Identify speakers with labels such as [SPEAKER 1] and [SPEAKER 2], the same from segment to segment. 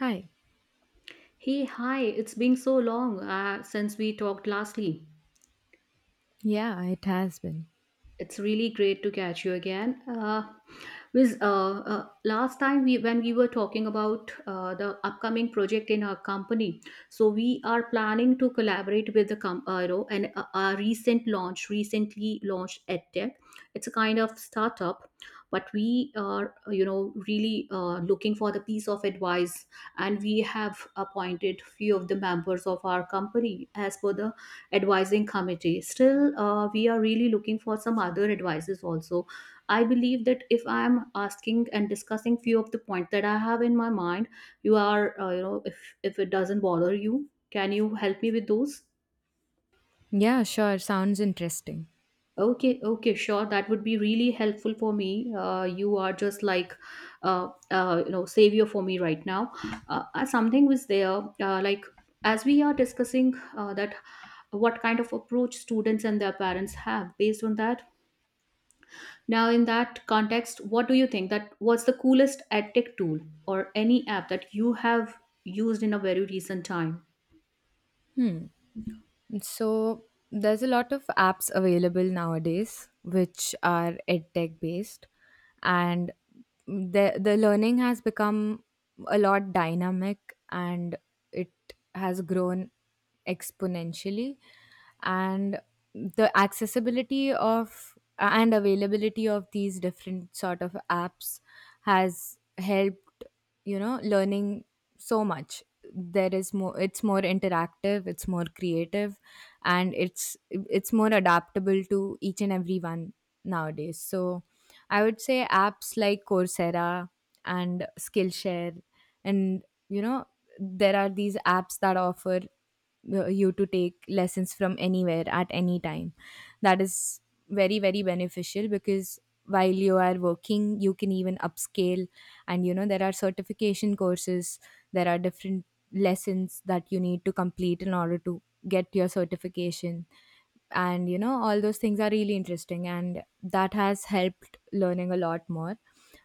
[SPEAKER 1] Hi.
[SPEAKER 2] Hey, hi, it's been so long since we talked lastly.
[SPEAKER 1] Yeah, it has been.
[SPEAKER 2] It's really great to catch you again. Wiz, last time we when we were talking about the upcoming project in our company, so we are planning to collaborate with the and our recent launch, recently launched EdTech. It's a kind of startup, but we are really looking for the piece of advice, and we have appointed few of the members of our company as per the advising committee. Still we are really looking for some other advices also. I believe that if I am asking and discussing few of the points that I have in my mind, you are if it doesn't bother, you can you help me with those?
[SPEAKER 1] Yeah, sure. Sounds interesting.
[SPEAKER 2] Okay, sure, that would be really helpful for me. You are just like savior for me right now. Something was there, like, as we are discussing that, what kind of approach students and their parents have based on that. Now, in that context, what do you think that what's the coolest edtech tool or any app that you have used in a very recent time?
[SPEAKER 1] Hmm. So there's a lot of apps available nowadays which are edtech based, and the learning has become a lot dynamic, and it has grown exponentially. And the accessibility of and availability of these different sort of apps has helped, learning so much. There is more, it's more interactive, it's more creative, and it's more adaptable to each and every one nowadays. So I would say apps like Coursera and Skillshare and, you know there are these apps that offer you to take lessons from anywhere at any time. That is very, very beneficial because while you are working, you can even upscale. And you know, there are certification courses, there are different lessons that you need to complete in order to get your certification. And you know, all those things are really interesting, and that has helped learning a lot more.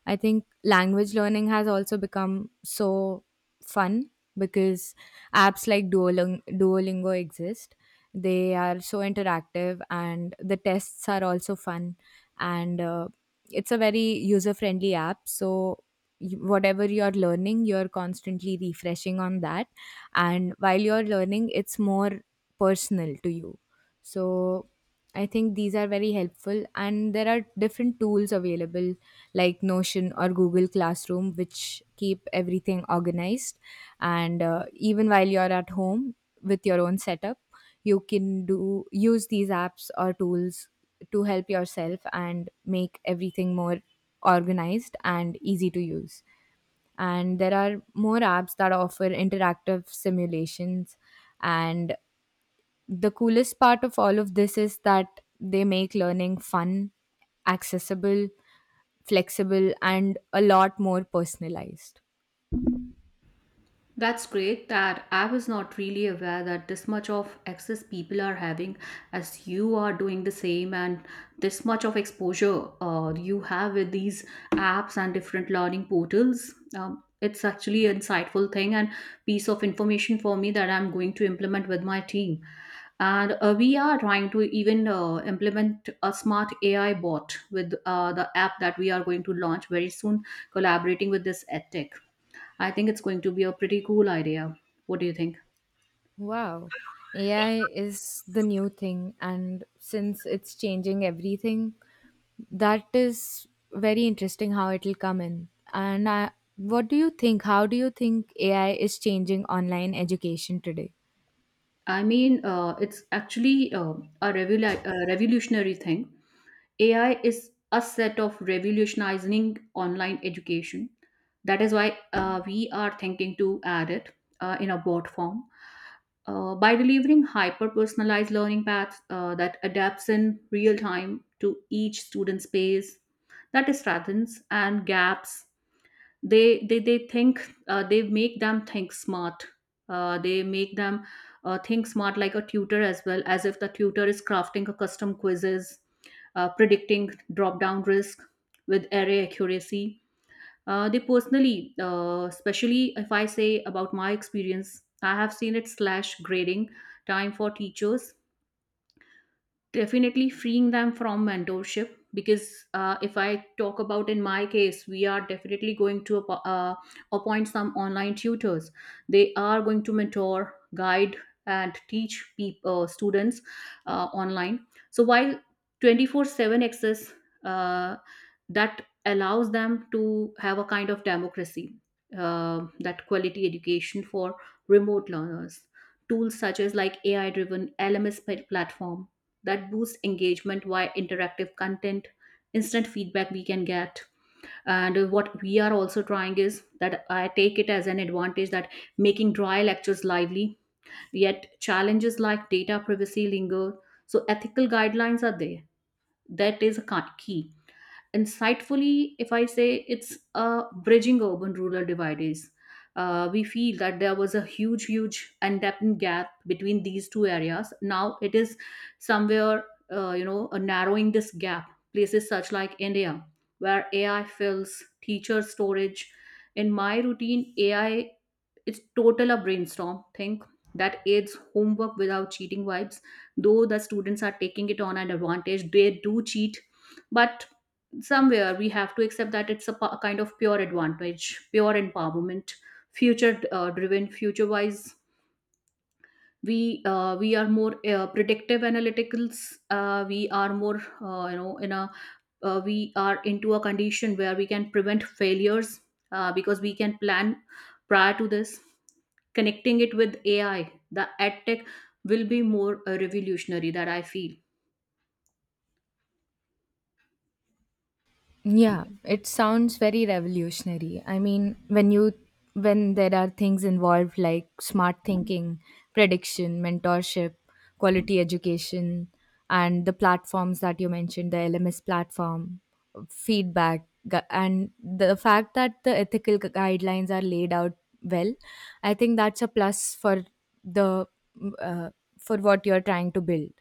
[SPEAKER 1] I think language learning has also become so fun because apps like Duolingo exist. They are so interactive and the tests are also fun. And It's a very user friendly app. So, you- whatever you're learning, you're constantly refreshing on that. And while you're learning, it's more personal to you. So, I think these are very helpful. And there are different tools available like Notion or Google Classroom, which keep everything organized. And even while you're at home with your own setup, you can do use these apps or tools to help yourself and make everything more organized and easy to use. And there are more apps that offer interactive simulations. And the coolest part of all of this is that they make learning fun, accessible, flexible, and a lot more personalized.
[SPEAKER 2] That's great, that I was not really aware that this much of access people are having, as you are doing the same, and this much of exposure you have with these apps and different learning portals. It's actually an insightful thing and piece of information for me that I'm going to implement with my team. And we are trying to even implement a smart AI bot with the app that we are going to launch very soon, collaborating with this edtech. I think it's going to be a pretty cool idea. What do you think?
[SPEAKER 1] Wow. AI is the new thing, and since it's changing everything, that is very interesting how it'll come in. And I, what do you think? How do you think AI is changing online education today?
[SPEAKER 2] I mean, it's actually a revolutionary thing. AI is a set of revolutionizing online education. That is why we are thinking to add it in a bot form, by delivering hyper personalized learning paths that adapts in real time to each student's pace, that strengthens and gaps. They think, they make them think smart, they make them think smart like a tutor, as well as if the tutor is crafting a custom quizzes, predicting drop down risk with array accuracy. They personally, especially if I say about my experience, I have seen it slash grading time for teachers, definitely freeing them from mentorship. Because if I talk about in my case, we are definitely going to appoint some online tutors. They are going to mentor, guide and teach people students online. So while 24/7 access, uh, that allows them to have a kind of democracy, uh, that quality education for remote learners. Tools such as like AI driven LMS platform that boosts engagement via interactive content, instant feedback we can get. And what we are also trying is that I take it as an advantage that making dry lectures lively, yet challenges like data privacy linger, so ethical guidelines are there, that is a key. Insightfully, if I say, it's bridging urban rural divides. We feel that there was a huge, huge and depth gap between these two areas. Now it is somewhere, narrowing this gap. Places such like India, where AI fills teacher storage. In my routine, AI, it's total a brainstorm think that aids homework without cheating vibes. Though the students are taking it on an advantage, they do cheat, but somewhere we have to accept that it's a kind of pure advantage, pure empowerment, future driven, future wise. We are more predictive analyticals. We are more in a, we are into a condition where we can prevent failures, because we can plan prior to this. Connecting it with AI, the adtech will be more revolutionary, that I feel.
[SPEAKER 1] Yeah, it sounds very revolutionary. I mean, when you, when there are things involved like smart thinking, prediction, mentorship, quality education, and the platforms that you mentioned, the LMS platform, feedback, gu- and the fact that the ethical gu- guidelines are laid out well, I think that's a plus for the uh, for what you're trying to build.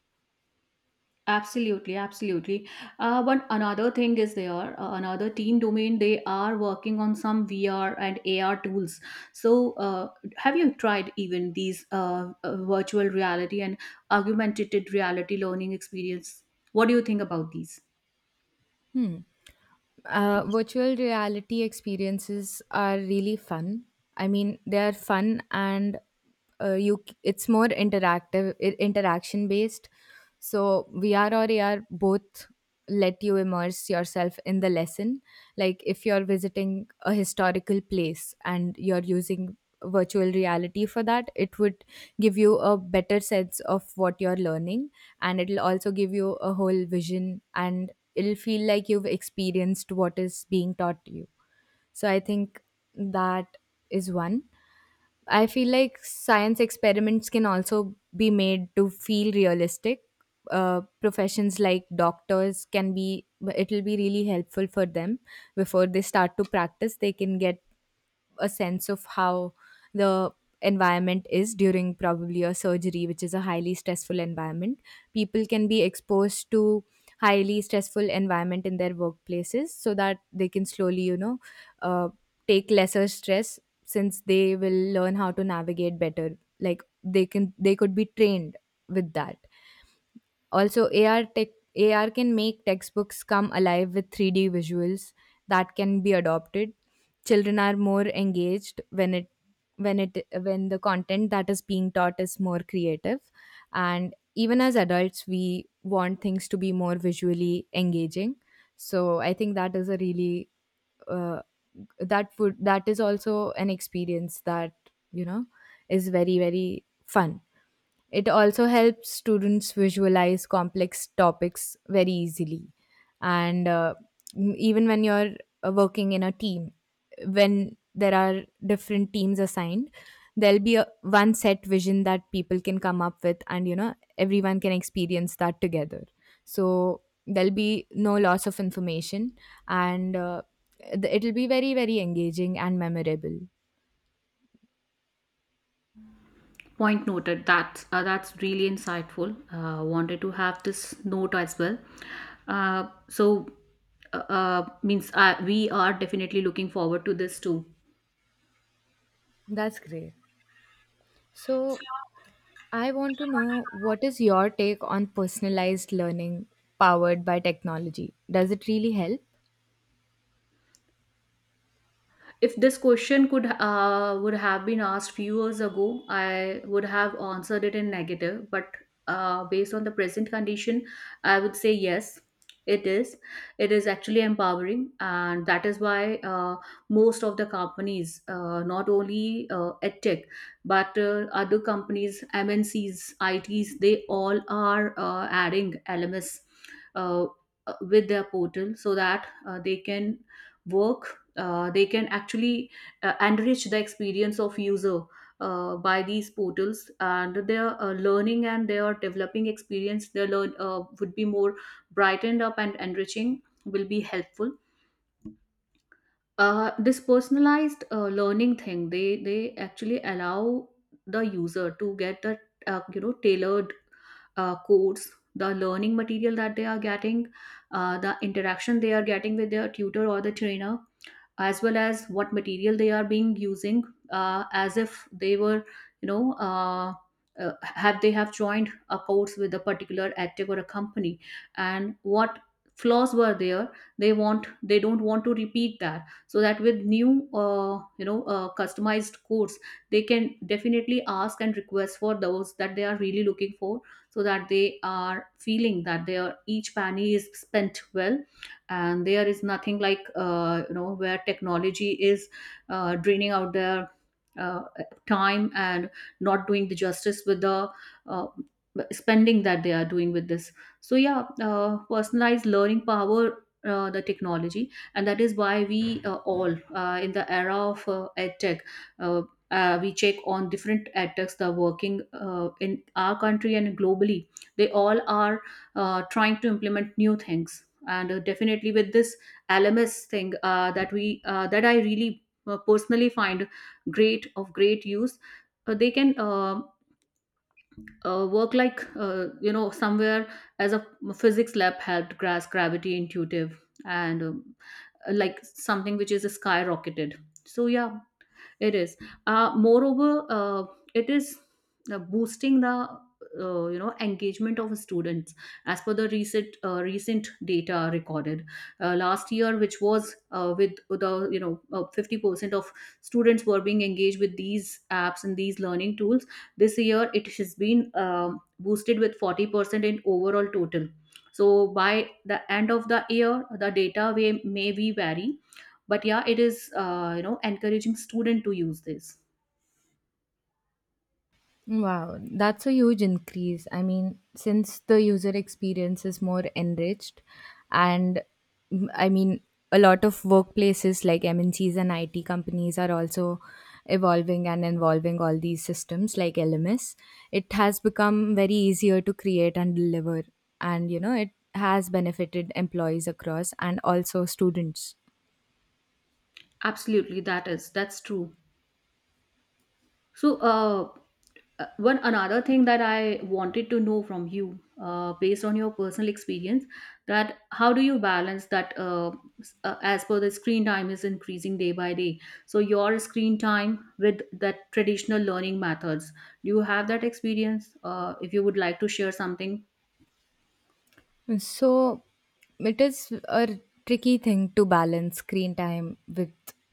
[SPEAKER 2] Absolutely, absolutely. But another thing is there, another team domain, they are working on some VR and AR tools. So uh, have you tried even these virtual reality and augmented reality learning experience? What do you think about these?
[SPEAKER 1] Hmm. Virtual reality experiences are really fun. I mean, they are fun, and you c- it's more interactive, I- interaction based. So VR or AR both let you immerse yourself in the lesson. Like if you're visiting a historical place and you're using virtual reality for that, it would give you a better sense of what you're learning, and it'll also give you a whole vision, and it'll feel like you've experienced what is being taught to you. So I think that is one. I feel like science experiments can also be made to feel realistic. Professions like doctors can be, it'll be really helpful for them before they start to practice. They can get a sense of how the environment is during probably a surgery, which is a highly stressful environment. People can be exposed to highly stressful environment in their workplaces so that they can slowly, you know, uh, take lesser stress since they will learn how to navigate better. Like they can, they could be trained with that. Also, AR tech, AR can make textbooks come alive with 3D visuals that can be adopted. Children are more engaged when it, when the content that is being taught is more creative, and even as adults we want things to be more visually engaging. So, I think that is a really uh, that would, that is also an experience that, you know, is very, very fun. It also helps students visualize complex topics very easily. And m- even when you're working in a team, when there are different teams assigned, there'll be a, one set vision that people can come up with, and you know, everyone can experience that together. So there'll be no loss of information, and th- it'll be very, very engaging and memorable.
[SPEAKER 2] Point noted. That's really insightful. Wanted to have this note as well. Uh, so means we are definitely looking forward to this too.
[SPEAKER 1] That's great. So, I want to know, what is your take on personalized learning powered by technology? Does it really help?
[SPEAKER 2] If this question could would have been asked few years ago, I would have answered it in negative. But based on the present condition, I would say yes. it is it is actually empowering, and that is why most of the companies, not only edtech, but other companies, MNCs, its, they all are adding LMS uh, with their portal, so that they can work, they can actually enrich the experience of user by these portals, and their learning and their developing experience, their learn would be more brightened up and enriching, will be helpful. This personalized learning thing, they actually allow the user to get the tailored course, the learning material that they are getting, the interaction they are getting with their tutor or the trainer, as well as what material they are being using, as if they were you know uh, have they have joined a course with a particular edtech or a company, and what flaws were there, they want, they don't want to repeat that. So that with new customized course, they can definitely ask and request for those that they are really looking for, so that they are feeling that their each penny is spent well, and there is nothing like where technology is draining out their uh, time and not doing the justice with the uh, spending that they are doing with this. So yeah, personalized learning power the technology, and that is why we all in the era of edtech, uh, we check on different edtechs that are working in our country and globally, they all are trying to implement new things. And definitely with this LMS thing, that we that I really personally find great, of great use. They can work like somewhere as a physics lab helped grasp gravity intuitive, and like something which is skyrocketed. So yeah, it is. Moreover, it is boosting the engagement of students. As per the recent recent data recorded last year, which was with the 50% of students were being engaged with these apps and these learning tools. This year, it has been boosted with 40% in overall total. So by the end of the year, the data may be vary, but yeah, it is encouraging student to use this.
[SPEAKER 1] Wow, that's a huge increase. I mean, since the user experience is more enriched, and mm, I mean, a lot of workplaces like MNCs and IT companies are also evolving and involving all these systems like LMS. It has become very easier to create and deliver, and you know, it has benefited employees across and also students.
[SPEAKER 2] Absolutely, that is, that's true. So one another thing that I wanted to know from you, based on your personal experience, that how do you balance that as per the screen time is increasing day by day, so your screen time with that traditional learning methods, do you have that experience, if you would like to share something?
[SPEAKER 1] So it is a tricky thing to balance screen time with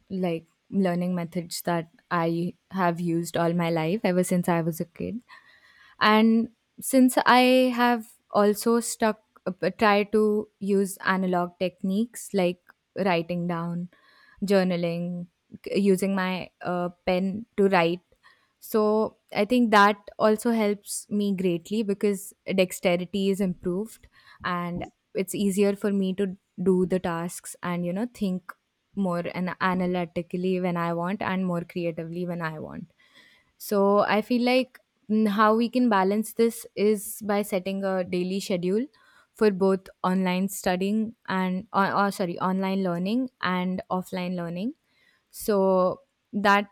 [SPEAKER 1] like learning methods that I have used all my life ever since I was a kid, and since I have also stuck, tried to use analog techniques like writing down, journaling, c- using my pen to write. So I think that also helps me greatly because dexterity is improved, and it's easier for me to do the tasks, and you know, think more and analytically when I want and more creatively when I want. So I feel like, mm, how we can balance this is by setting a daily schedule for both online studying and, or sorry, online learning and offline learning. So that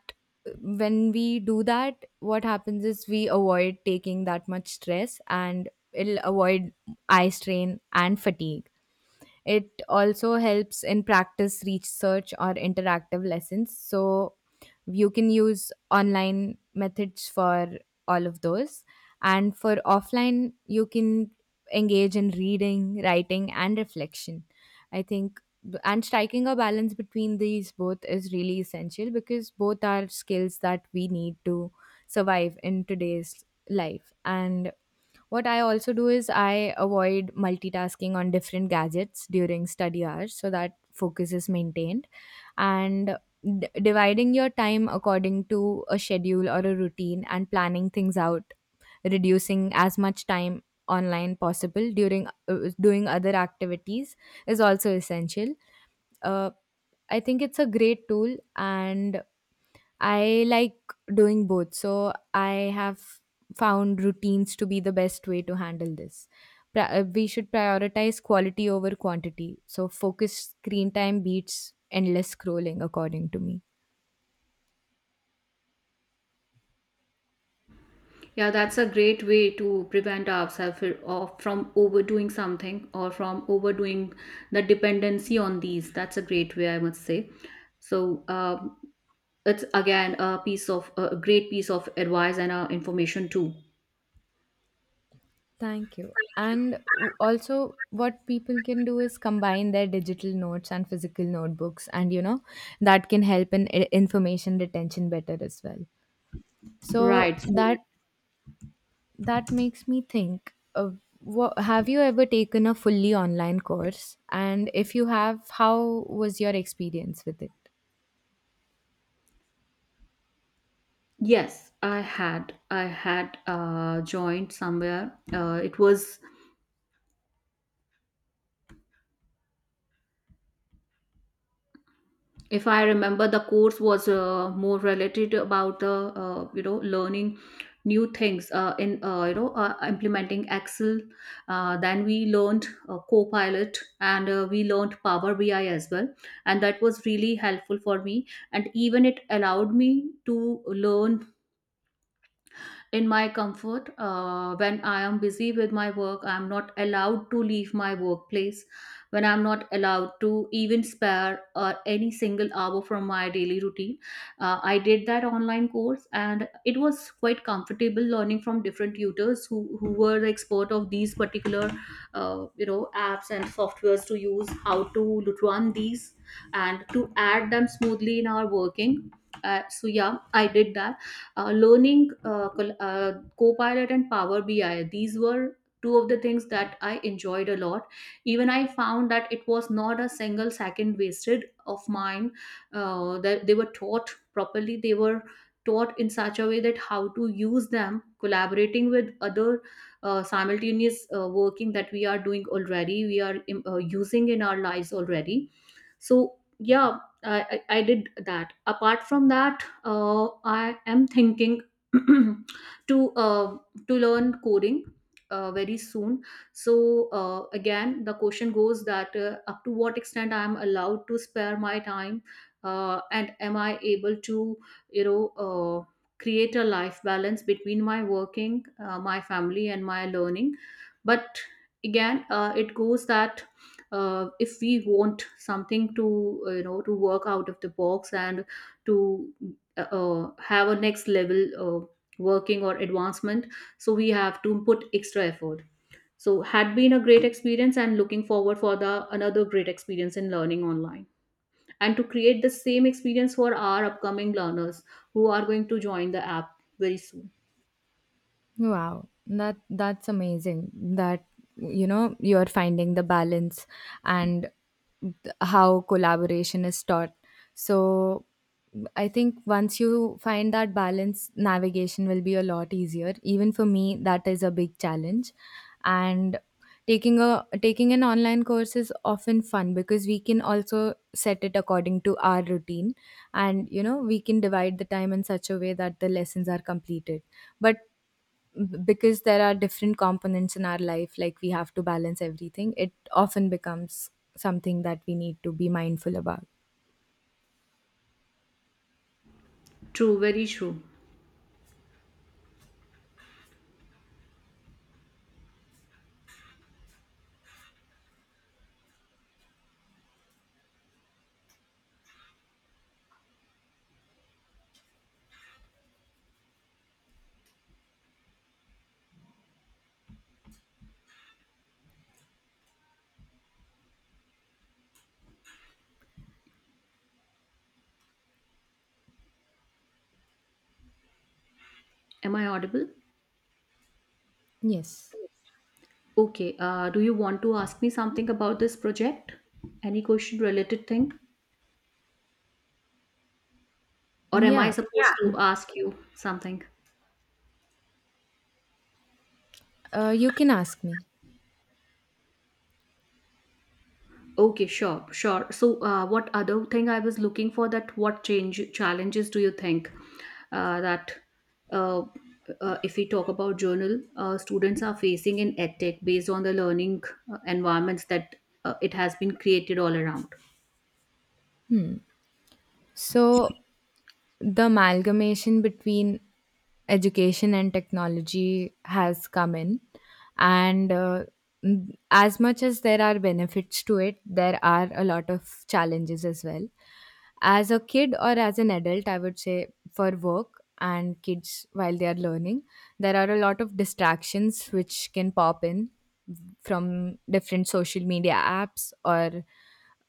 [SPEAKER 1] when we do that, what happens is we avoid taking that much stress, and it'll avoid eye strain and fatigue. It also helps in practice research or interactive lessons. So you can use online methods for all of those. And for offline, you can engage in reading, writing, and reflection. I think b- and striking a balance between these both is really essential because both are skills that we need to survive in today's life, and what I also do is I avoid multitasking on different gadgets during study hours so that focus is maintained. And d- dividing your time according to a schedule or a routine and planning things out, reducing as much time online possible during doing other activities is also essential. Uh, I think it's a great tool, and I like doing both, so I have found routines to be the best way to handle this. Pri- We should prioritize quality over quantity. So, focused screen time beats endless scrolling, according to me.
[SPEAKER 2] Yeah, that's a great way to prevent ourselves or from overdoing something, or from overdoing the dependency on these. That's a great way, I must say. So it's again a piece of a great piece of advice and information too.
[SPEAKER 1] Thank you. And w- also, what people can do is combine their digital notes and physical notebooks, and you know, that can help in I- information retention better as well. So,
[SPEAKER 2] Right. So,
[SPEAKER 1] that, that makes me think wha have you ever taken a fully online course, and if you have, how was your experience with it?
[SPEAKER 2] yes, I had joined somewhere. It was, if I remember, the course was more related about the learning new things in you know implementing Excel, then we learned Copilot and we learned Power BI as well, and that was really helpful for me, and even it allowed me to learn in my comfort. When I am busy with my work, I am not allowed to leave my workplace. When I'm not allowed to even spare any single hour from my daily routine, I did that online course, and it was quite comfortable learning from different tutors who were the expert of these particular, uh, you know, apps and softwares to use, how to run these, and to add them smoothly in our working. So yeah, I did that learning, Copilot and Power BI. These were two of the things that I enjoyed a lot. Even I found that it was not a single second wasted of mine, that they were taught properly. They were taught in such a way that how to use them collaborating with other simultaneous working that we are doing already. We are using in our lives already. So yeah, I did that. Apart from that, I am thinking to uh, to learn coding very soon. So again, the question goes that up to what extent I am allowed to spare my time, and am I able to you know uh, create a life balance between my working, my family, and my learning. But again, it goes that. If we want something to to work out of the box and to have a next level working or advancement, so we have to put extra effort. So had been a great experience and looking forward for the another great experience in learning online, and to create the same experience for our upcoming learners who are going to join the app very soon.
[SPEAKER 1] Wow, that, that's amazing that, you know, you're finding the balance and th- how collaboration is taught. So I think once you find that balance, navigation will be a lot easier. Even for me, that is a big challenge. And taking a, taking an online course is often fun because we can also set it according to our routine, and you know, we can divide the time in such a way that the lessons are completed. But b- because there are different components in our life, like we have to balance everything, it often becomes something that we need to be mindful about.
[SPEAKER 2] True, very true. Am I audible?
[SPEAKER 1] Yes.
[SPEAKER 2] Okay. Do you want to ask me something about this project? Any question related thing? Or am I, yeah,
[SPEAKER 1] Yeah,
[SPEAKER 2] supposed, yeah, to ask you something?
[SPEAKER 1] you can ask me.
[SPEAKER 2] Okay, sure, sure. So, what other thing I was looking for that what change challenges do you think that uh, if we talk about journal, students are facing in edtech based on the learning environments that it has been created all around.
[SPEAKER 1] So, the amalgamation between education and technology has come in, and n- as much as there are benefits to it, there are a lot of challenges as well. As a kid or as an adult, I would say for work and kids, while they are learning, there are a lot of distractions which can pop in from different social media apps or,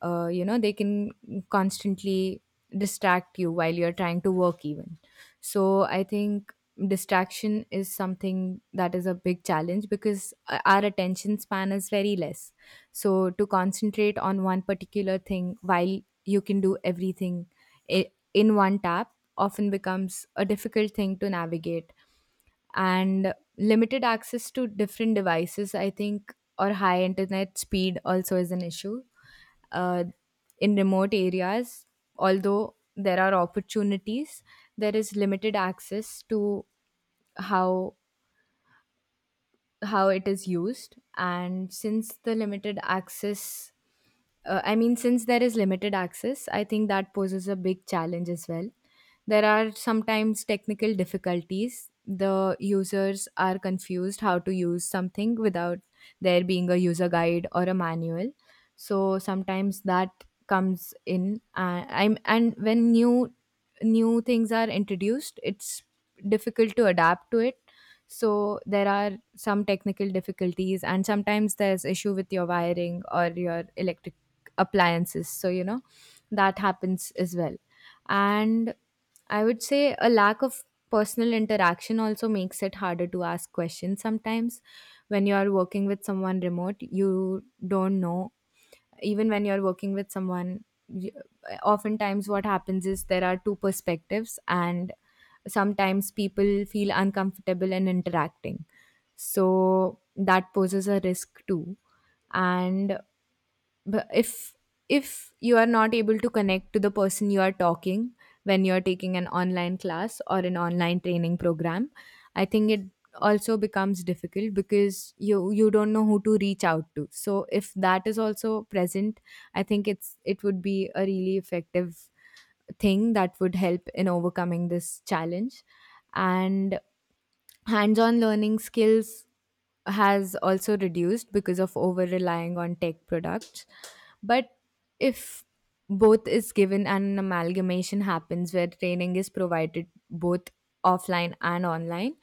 [SPEAKER 1] you know, they can constantly distract you while you're trying to work even. So I think distraction is something that is a big challenge because our attention span is very less. So to concentrate on one particular thing while you can do everything I- in one tap often becomes a difficult thing to navigate. And limited access to different devices, I think, or high internet speed also is an issue uh, in remote areas. Although there are opportunities, there is limited access to how how it is used, and since the limited access, I mean, since there is limited access, I think that poses a big challenge as well. There are sometimes technical difficulties. The users are confused how to use something without there being a user guide or a manual. So sometimes that comes in. I'm, and when new things are introduced, it's difficult to adapt to it. So there are some technical difficulties, and sometimes there's issue with your wiring or your electric appliances. So that happens as well, and I would say a lack of personal interaction also makes it harder to ask questions sometimes. When you are working with someone remote, you don't know. Even when you're working with someone, you, oftentimes what happens is there are two perspectives, and sometimes people feel uncomfortable in interacting, so that poses a risk too. And but if you are not able to connect to the person you are talking, when you are taking an online class or an online training program, I think it also becomes difficult because you don't know who to reach out to. So if that is also present, I think it would be a really effective thing that would help in overcoming this challenge. And hands-on learning skills has also reduced because of over relying on tech products. But if both is given and an amalgamation happens where training is provided both offline and online,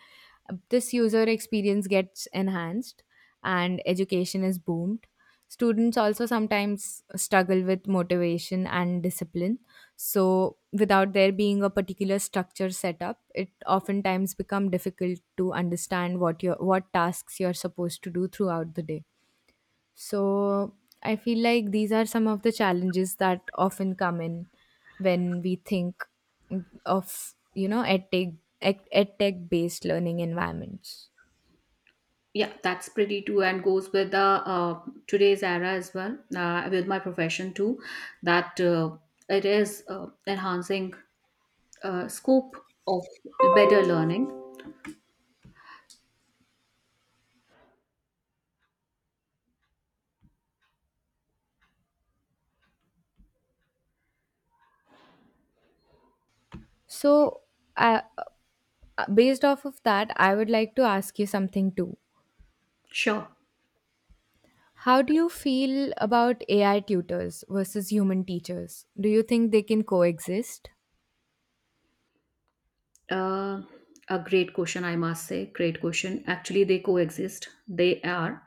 [SPEAKER 1] this user experience gets enhanced and education is boomed. Students also sometimes struggle with motivation and discipline. So, without there being a particular structure set up, it oftentimes become difficult to understand what tasks you're supposed to do throughout the day. So I feel like these are some of the challenges that often come in when we think of edtech based learning environments.
[SPEAKER 2] Yeah, that's pretty too, and goes with the today's era as well, with my profession too, that it is enhancing scope of better learning.
[SPEAKER 1] So uh, based off of that, I would like to ask you something too.
[SPEAKER 2] Sure.
[SPEAKER 1] How do you feel about AI tutors versus human teachers? Do you think they can coexist?
[SPEAKER 2] Uh, a great question, I must say. Great question. Actually, they coexist. They are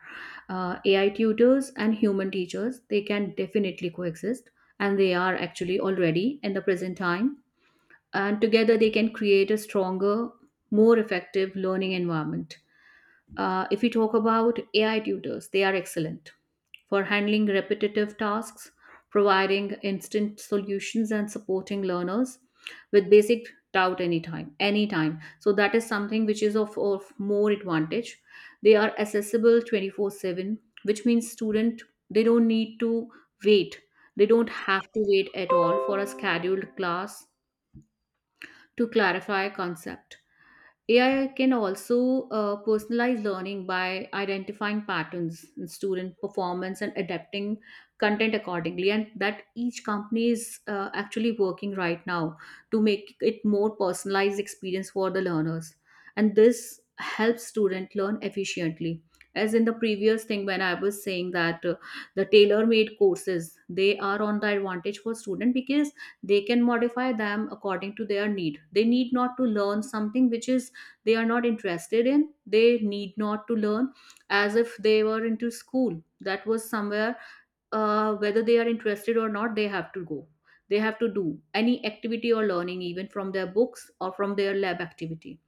[SPEAKER 2] AI tutors and human teachers. They can definitely coexist, and they are actually already in the present time. And together, they can create a stronger, more effective learning environment. If we talk about AI tutors, they are excellent for handling repetitive tasks, providing instant solutions, and supporting learners with basic doubt anytime, so that is something which is of more advantage. They are accessible 24/7, which means student, they don't need to wait. They don't have to wait at all for a scheduled class to clarify a concept. AI can also personalize learning by identifying patterns in student performance and adapting content accordingly, and that each company is actually working right now to make it more personalized experience for the learners. And this helps student learn efficiently. As in the previous thing, when I was saying that, the tailor-made courses, they are on the advantage for student because they can modify them according to their need. They need not to learn something which is they are not interested in. They need not to learn as if they were into school. That was somewhere, whether they are interested or not, they have to go, they have to do any activity or learning, even from their books or from their lab activity.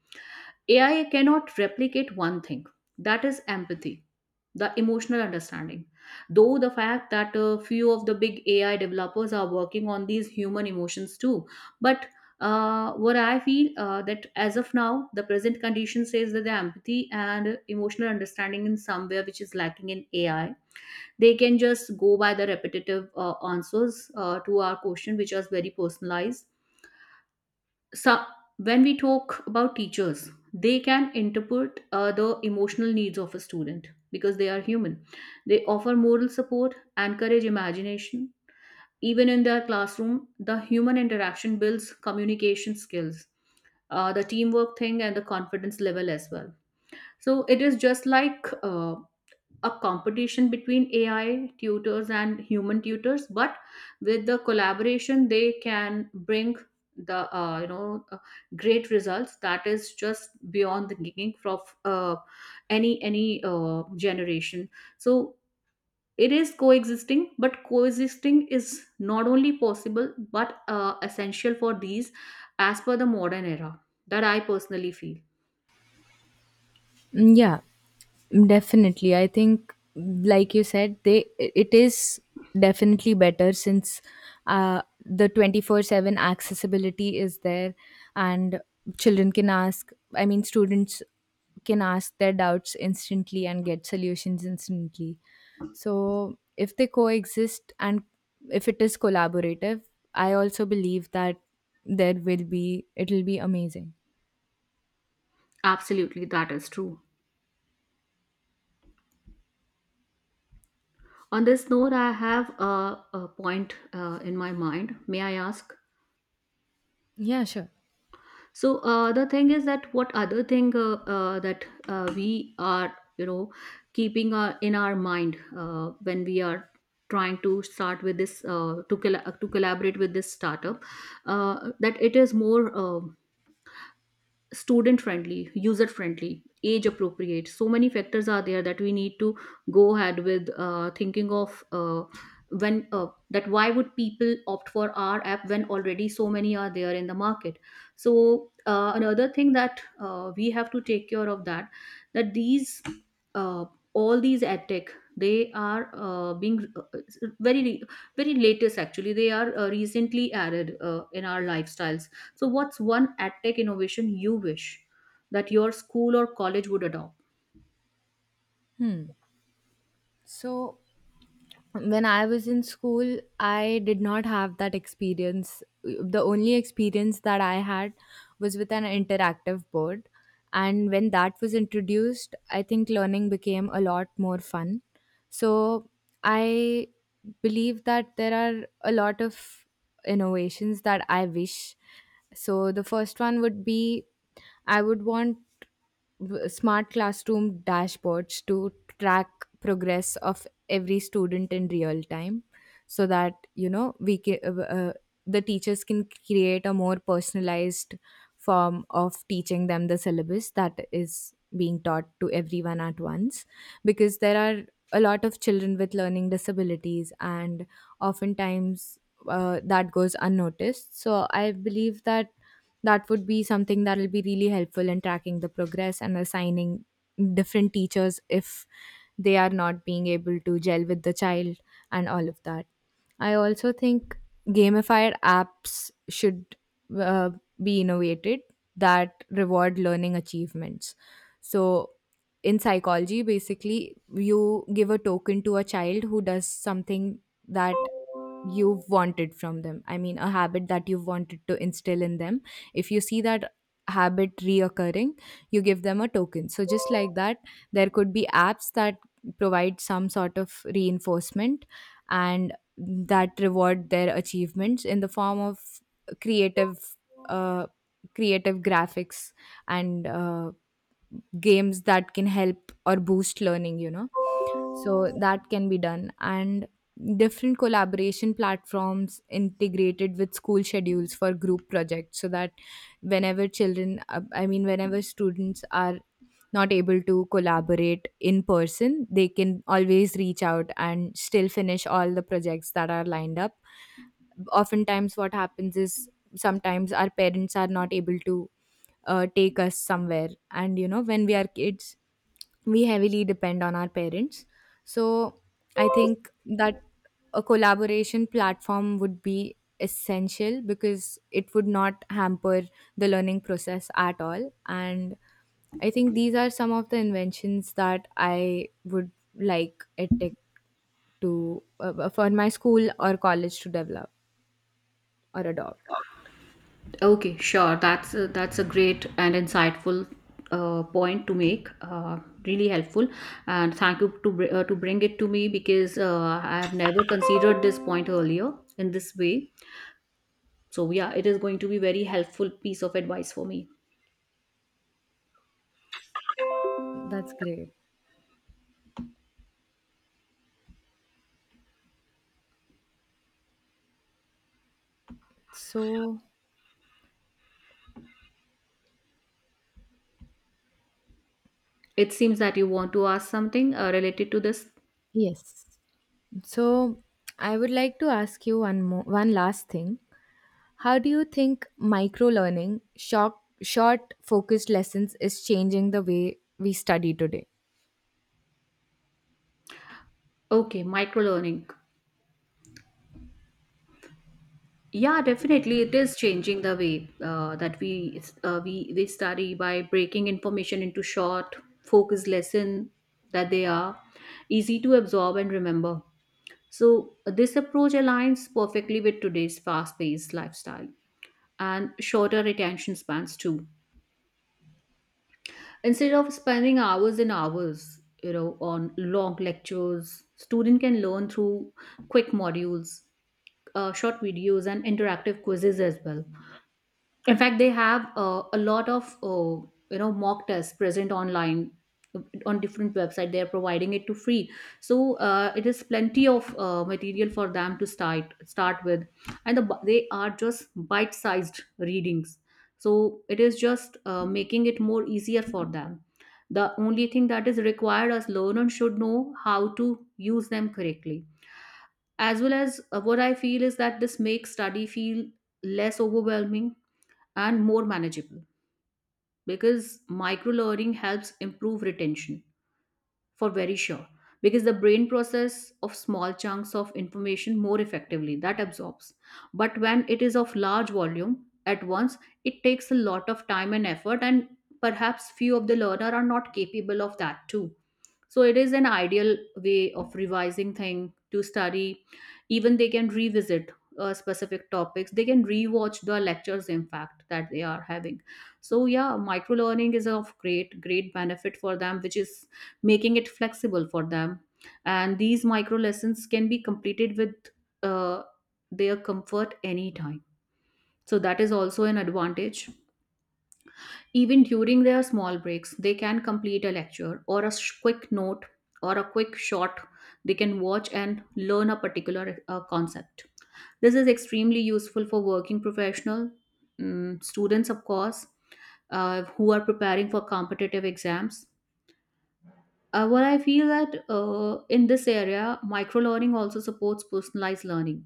[SPEAKER 2] AI cannot replicate one thing, that is empathy, the emotional understanding. Though the fact that a few of the big AI developers are working on these human emotions too, but what I feel, that as of now, the present condition says that the empathy and emotional understanding in somewhere which is lacking in AI, they can just go by the repetitive answers to our question, which are very personalized. So when we talk about teachers, they can interpret the emotional needs of a student because they are human. They offer moral support, encourage imagination. Even in their classroom, the human interaction builds communication skills, the teamwork thing and the confidence level as well. So it is just like a competition between AI tutors and human tutors, but with the collaboration, they can bring the great results that is just beyond the thinking of any generation. So it is coexisting, but coexisting is not only possible but essential for these as per the modern era. That I personally feel.
[SPEAKER 1] Mm, yeah, mm, definitely. I think, like you said, they it is definitely better since the 24/7 accessibility is there, and children can ask. I mean, students can ask their doubts instantly and get solutions instantly. So, if they coexist and if it is collaborative, I also believe that there will be it will be amazing.
[SPEAKER 2] Absolutely, that is true. On this note, I have a point in my mind. May I ask?
[SPEAKER 1] Yeah, sure.
[SPEAKER 2] So the thing is that what other thing, that we are, you know, keeping our, in our mind when we are trying to start with this, to collaborate with this startup, that it is more. Student friendly, user friendly, age appropriate. So many factors are there that we need to go ahead with thinking of, when that why would people opt for our app when already so many are there in the market. So another thing that we have to take care of that these uh, all these ad tech, they are being very very latest, actually they are recently added in our lifestyles. So, what's one edtech innovation you wish that your school or college would adopt?
[SPEAKER 1] Hmm. So when I was in school, I did not have that experience. The only experience that I had was with an interactive board. And when that was introduced, I think learning became a lot more fun. So I believe that there are a lot of innovations that I wish. So the first one would be I would want smart classroom dashboards to track progress of every student in real time so that the teachers can create a more personalized form of teaching them the syllabus that is being taught to everyone at once, because there are a lot of children with learning disabilities and oftentimes that goes unnoticed. So I believe that that would be something that will be really helpful in tracking the progress and assigning different teachers if they are not being able to gel with the child and all of that. I also think gamified apps should uh, be innovated that reward learning achievements. So, in psychology, basically, you give a token to a child who does something that you've wanted from them. I mean, a habit that you've wanted to instill in them. If you see that habit reoccurring, you give them a token. So, just like that, there could be apps that provide some sort of reinforcement and that reward their achievements in the form of creative. Uh, Creative graphics and games that can help or boost learning, so that can be done. And different collaboration platforms integrated with school schedules for group projects, so that whenever children whenever students are not able to collaborate in person, they can always reach out and still finish all the projects that are lined up. Oftentimes what happens is sometimes our parents are not able to take us somewhere, and when we are kids, we heavily depend on our parents. So I think that a collaboration platform would be essential because it would not hamper the learning process at all. And I think these are some of the inventions that I would like edtech to for my school or college to develop or adopt.
[SPEAKER 2] Okay, sure. That's a great and insightful point to make. Really helpful, and thank you to bring it to me because I have never considered this point earlier in this way. So yeah, it is going to be very helpful piece of advice for me.
[SPEAKER 1] That's great. So,
[SPEAKER 2] It seems that you want to ask something related to this.
[SPEAKER 1] yes. So I would like to ask you one last thing. How do you think micro learning, short focused lessons is changing the way we study today?
[SPEAKER 2] Okay, micro learning. Yeah, definitely, it is changing the way that we study by breaking information into short, focused lesson that they are easy to absorb and remember. So this approach aligns perfectly with today's fast-paced lifestyle and shorter attention spans too. Instead of spending hours and hours, you know, on long lectures, student can learn through quick modules, short videos, and interactive quizzes as well. In fact they have a lot of mock tests present online on different website, they are providing it to free. So it is plenty of material for them to start with. And they are just bite sized readings. So it is just making it more easier for them. The only thing that is required as learner should know how to use them correctly. As well as what I feel is that this makes study feel less overwhelming and more manageable. Because micro learning helps improve retention for very sure, because the brain process of small chunks of information more effectively that absorbs, but when it is of large volume at once, it takes a lot of time and effort, and perhaps few of the learner are not capable of that too. So it is an ideal way of revising thing to study. Even they can revisit specific topics, they can rewatch the lectures, in fact, that they are having. So yeah, micro learning is of great great benefit for them, which is making it flexible for them. And these micro lessons can be completed with uh, their comfort anytime, so that is also an advantage. Even during their small breaks, they can complete a lecture or a quick note or a quick shot. They can watch and learn a particular concept. This is extremely useful for working professional, students, of course, who are preparing for competitive exams. Well, I feel that in this area, microlearning also supports personalized learning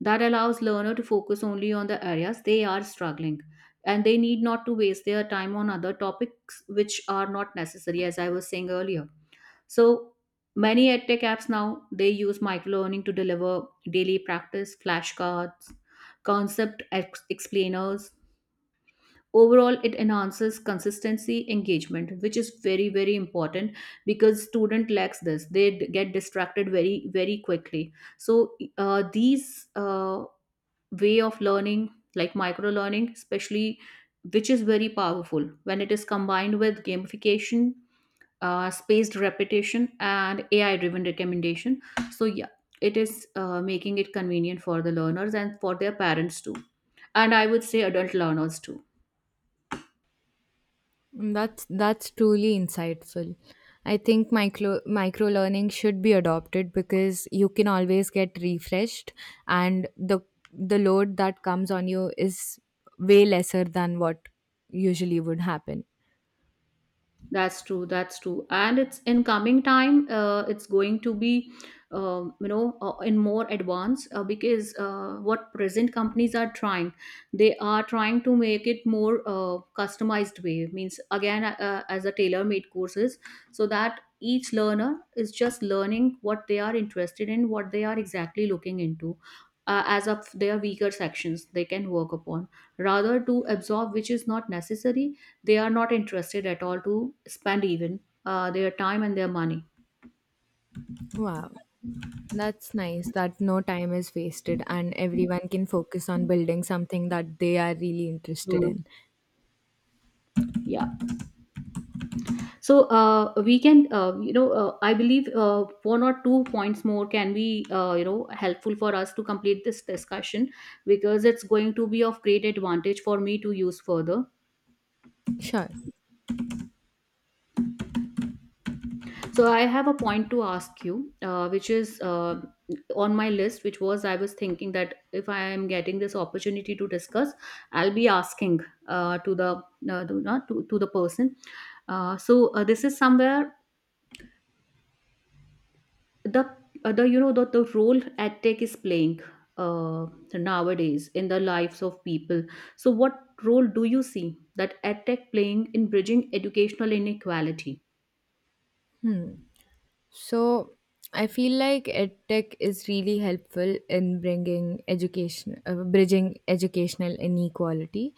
[SPEAKER 2] that allows learner to focus only on the areas they are struggling. And they need not to waste their time on other topics which are not necessary, as I was saying earlier. So many edtech apps now, they use microlearning to deliver daily practice, flashcards, concept explainers. Overall, it enhances consistency engagement, which is very, very important because student lacks this. They get distracted very, very quickly. So these way of learning like micro learning especially, which is very powerful when it is combined with gamification, spaced repetition, and ai driven recommendation. So yeah, it is making it convenient for the learners and for their parents too, and I would say adult learners too.
[SPEAKER 1] Mm, that's truly insightful. I think micro learning should be adopted because you can always get refreshed, and the load that comes on you is way lesser than what usually would happen.
[SPEAKER 2] That's true. That's true. And it's in coming time, it's going to be, in more advance, because what present companies are trying, they are trying to make it more customized way. Means again, as a tailor-made courses, so that each learner is just learning what they are interested in, what they are exactly looking into. As of their weaker sections, they can work upon rather to absorb which is not necessary. They are not interested at all to spend even their time and their money.
[SPEAKER 1] Wow, that's nice that no time is wasted and everyone can focus on building something that they are really interested
[SPEAKER 2] Mm.
[SPEAKER 1] in.
[SPEAKER 2] Yeah. So we can I believe, one or two points more can be helpful for us to complete this discussion because it's going to be of great advantage for me to use further.
[SPEAKER 1] Sure.
[SPEAKER 2] So I have a point to ask you, which is on my list, which was I was thinking that if I am getting this opportunity to discuss, I'll be asking to the to, not to, to the person. So this is somewhere the the you know the role ad tech is playing uh, nowadays in the lives of people. So what role do you see that ad tech playing in bridging educational inequality?
[SPEAKER 1] So, I feel like EdTech is really helpful in bringing education, bridging educational inequality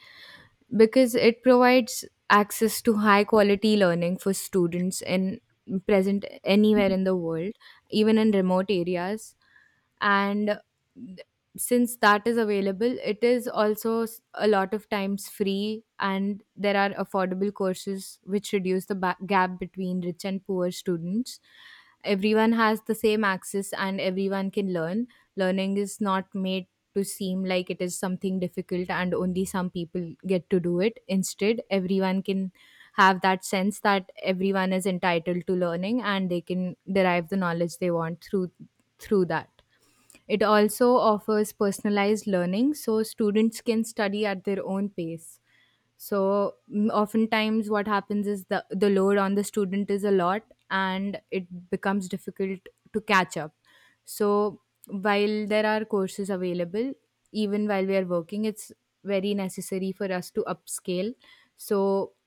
[SPEAKER 1] because it provides access to high quality learning for students in present anywhere in the world, even in remote areas. And since that is available, it is also a lot of times free, and there are affordable courses which reduce the gap between rich and poor students. Everyone has the same access and everyone can learn. Learning is not made to seem like it is something difficult and only some people get to do it. Instead, everyone can have that sense that everyone is entitled to learning and they can derive the knowledge they want through that. It also offers personalized learning, so students can study at their own pace. So mm, oftentimes what happens is the load on the student is a lot and it becomes difficult to catch up. So while there are courses available, even while we are working, it's very necessary for us to upscale. So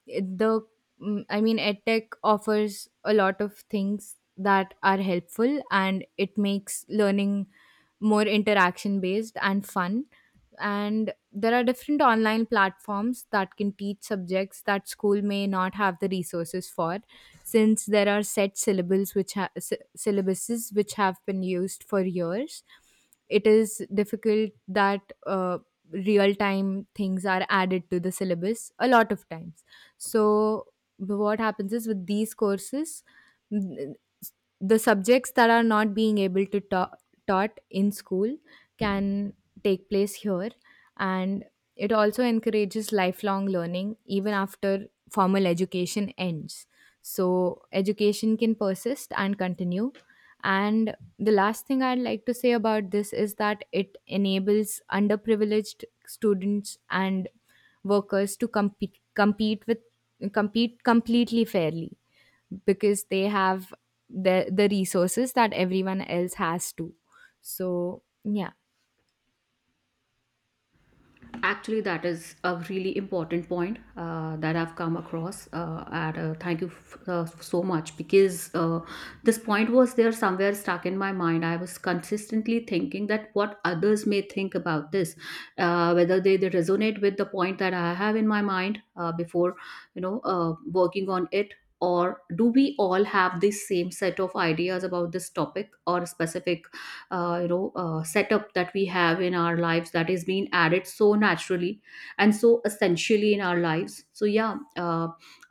[SPEAKER 1] it- the mm, I mean edtech offers a lot of things that are helpful, and it makes learning more interaction based and fun. And there are different online platforms that can teach subjects that school may not have the resources for. Since there are set syllables which syllabuses which have been used for years, it is difficult that real time things are added to the syllabus a lot of times. So what happens is with these courses, n- the subjects that are not being able to taught in school can take place here. And it also encourages lifelong learning even after formal education ends, so education can persist and continue. And the last thing I'd like to say about this is that it enables underprivileged students and workers to compete compete with compete completely fairly because they have the resources that everyone else has too. So yeah.
[SPEAKER 2] Actually, that is a really important point that I've come across. And thank you so much because this point was there somewhere stuck in my mind. I was consistently thinking that what others may think about this, whether they resonate with the point that I have in my mind before, you know, working on it. Or do we all have the same set of ideas about this topic or specific, setup that we have in our lives, that is being added so naturally and so essentially in our lives. So yeah,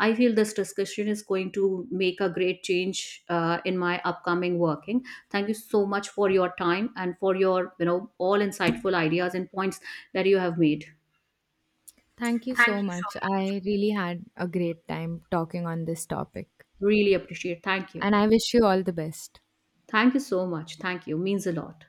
[SPEAKER 2] I feel this discussion is going to make a great change in my upcoming working. Thank you so much for your time and for your, you know, all insightful ideas and points that you have made.
[SPEAKER 1] Thank you
[SPEAKER 2] Thank
[SPEAKER 1] so
[SPEAKER 2] you.
[SPEAKER 1] much. I really had a great time talking on this topic,
[SPEAKER 2] Really appreciate. Thank you.
[SPEAKER 1] and I wish you all the best.
[SPEAKER 2] Thank you so much. Thank you means a lot.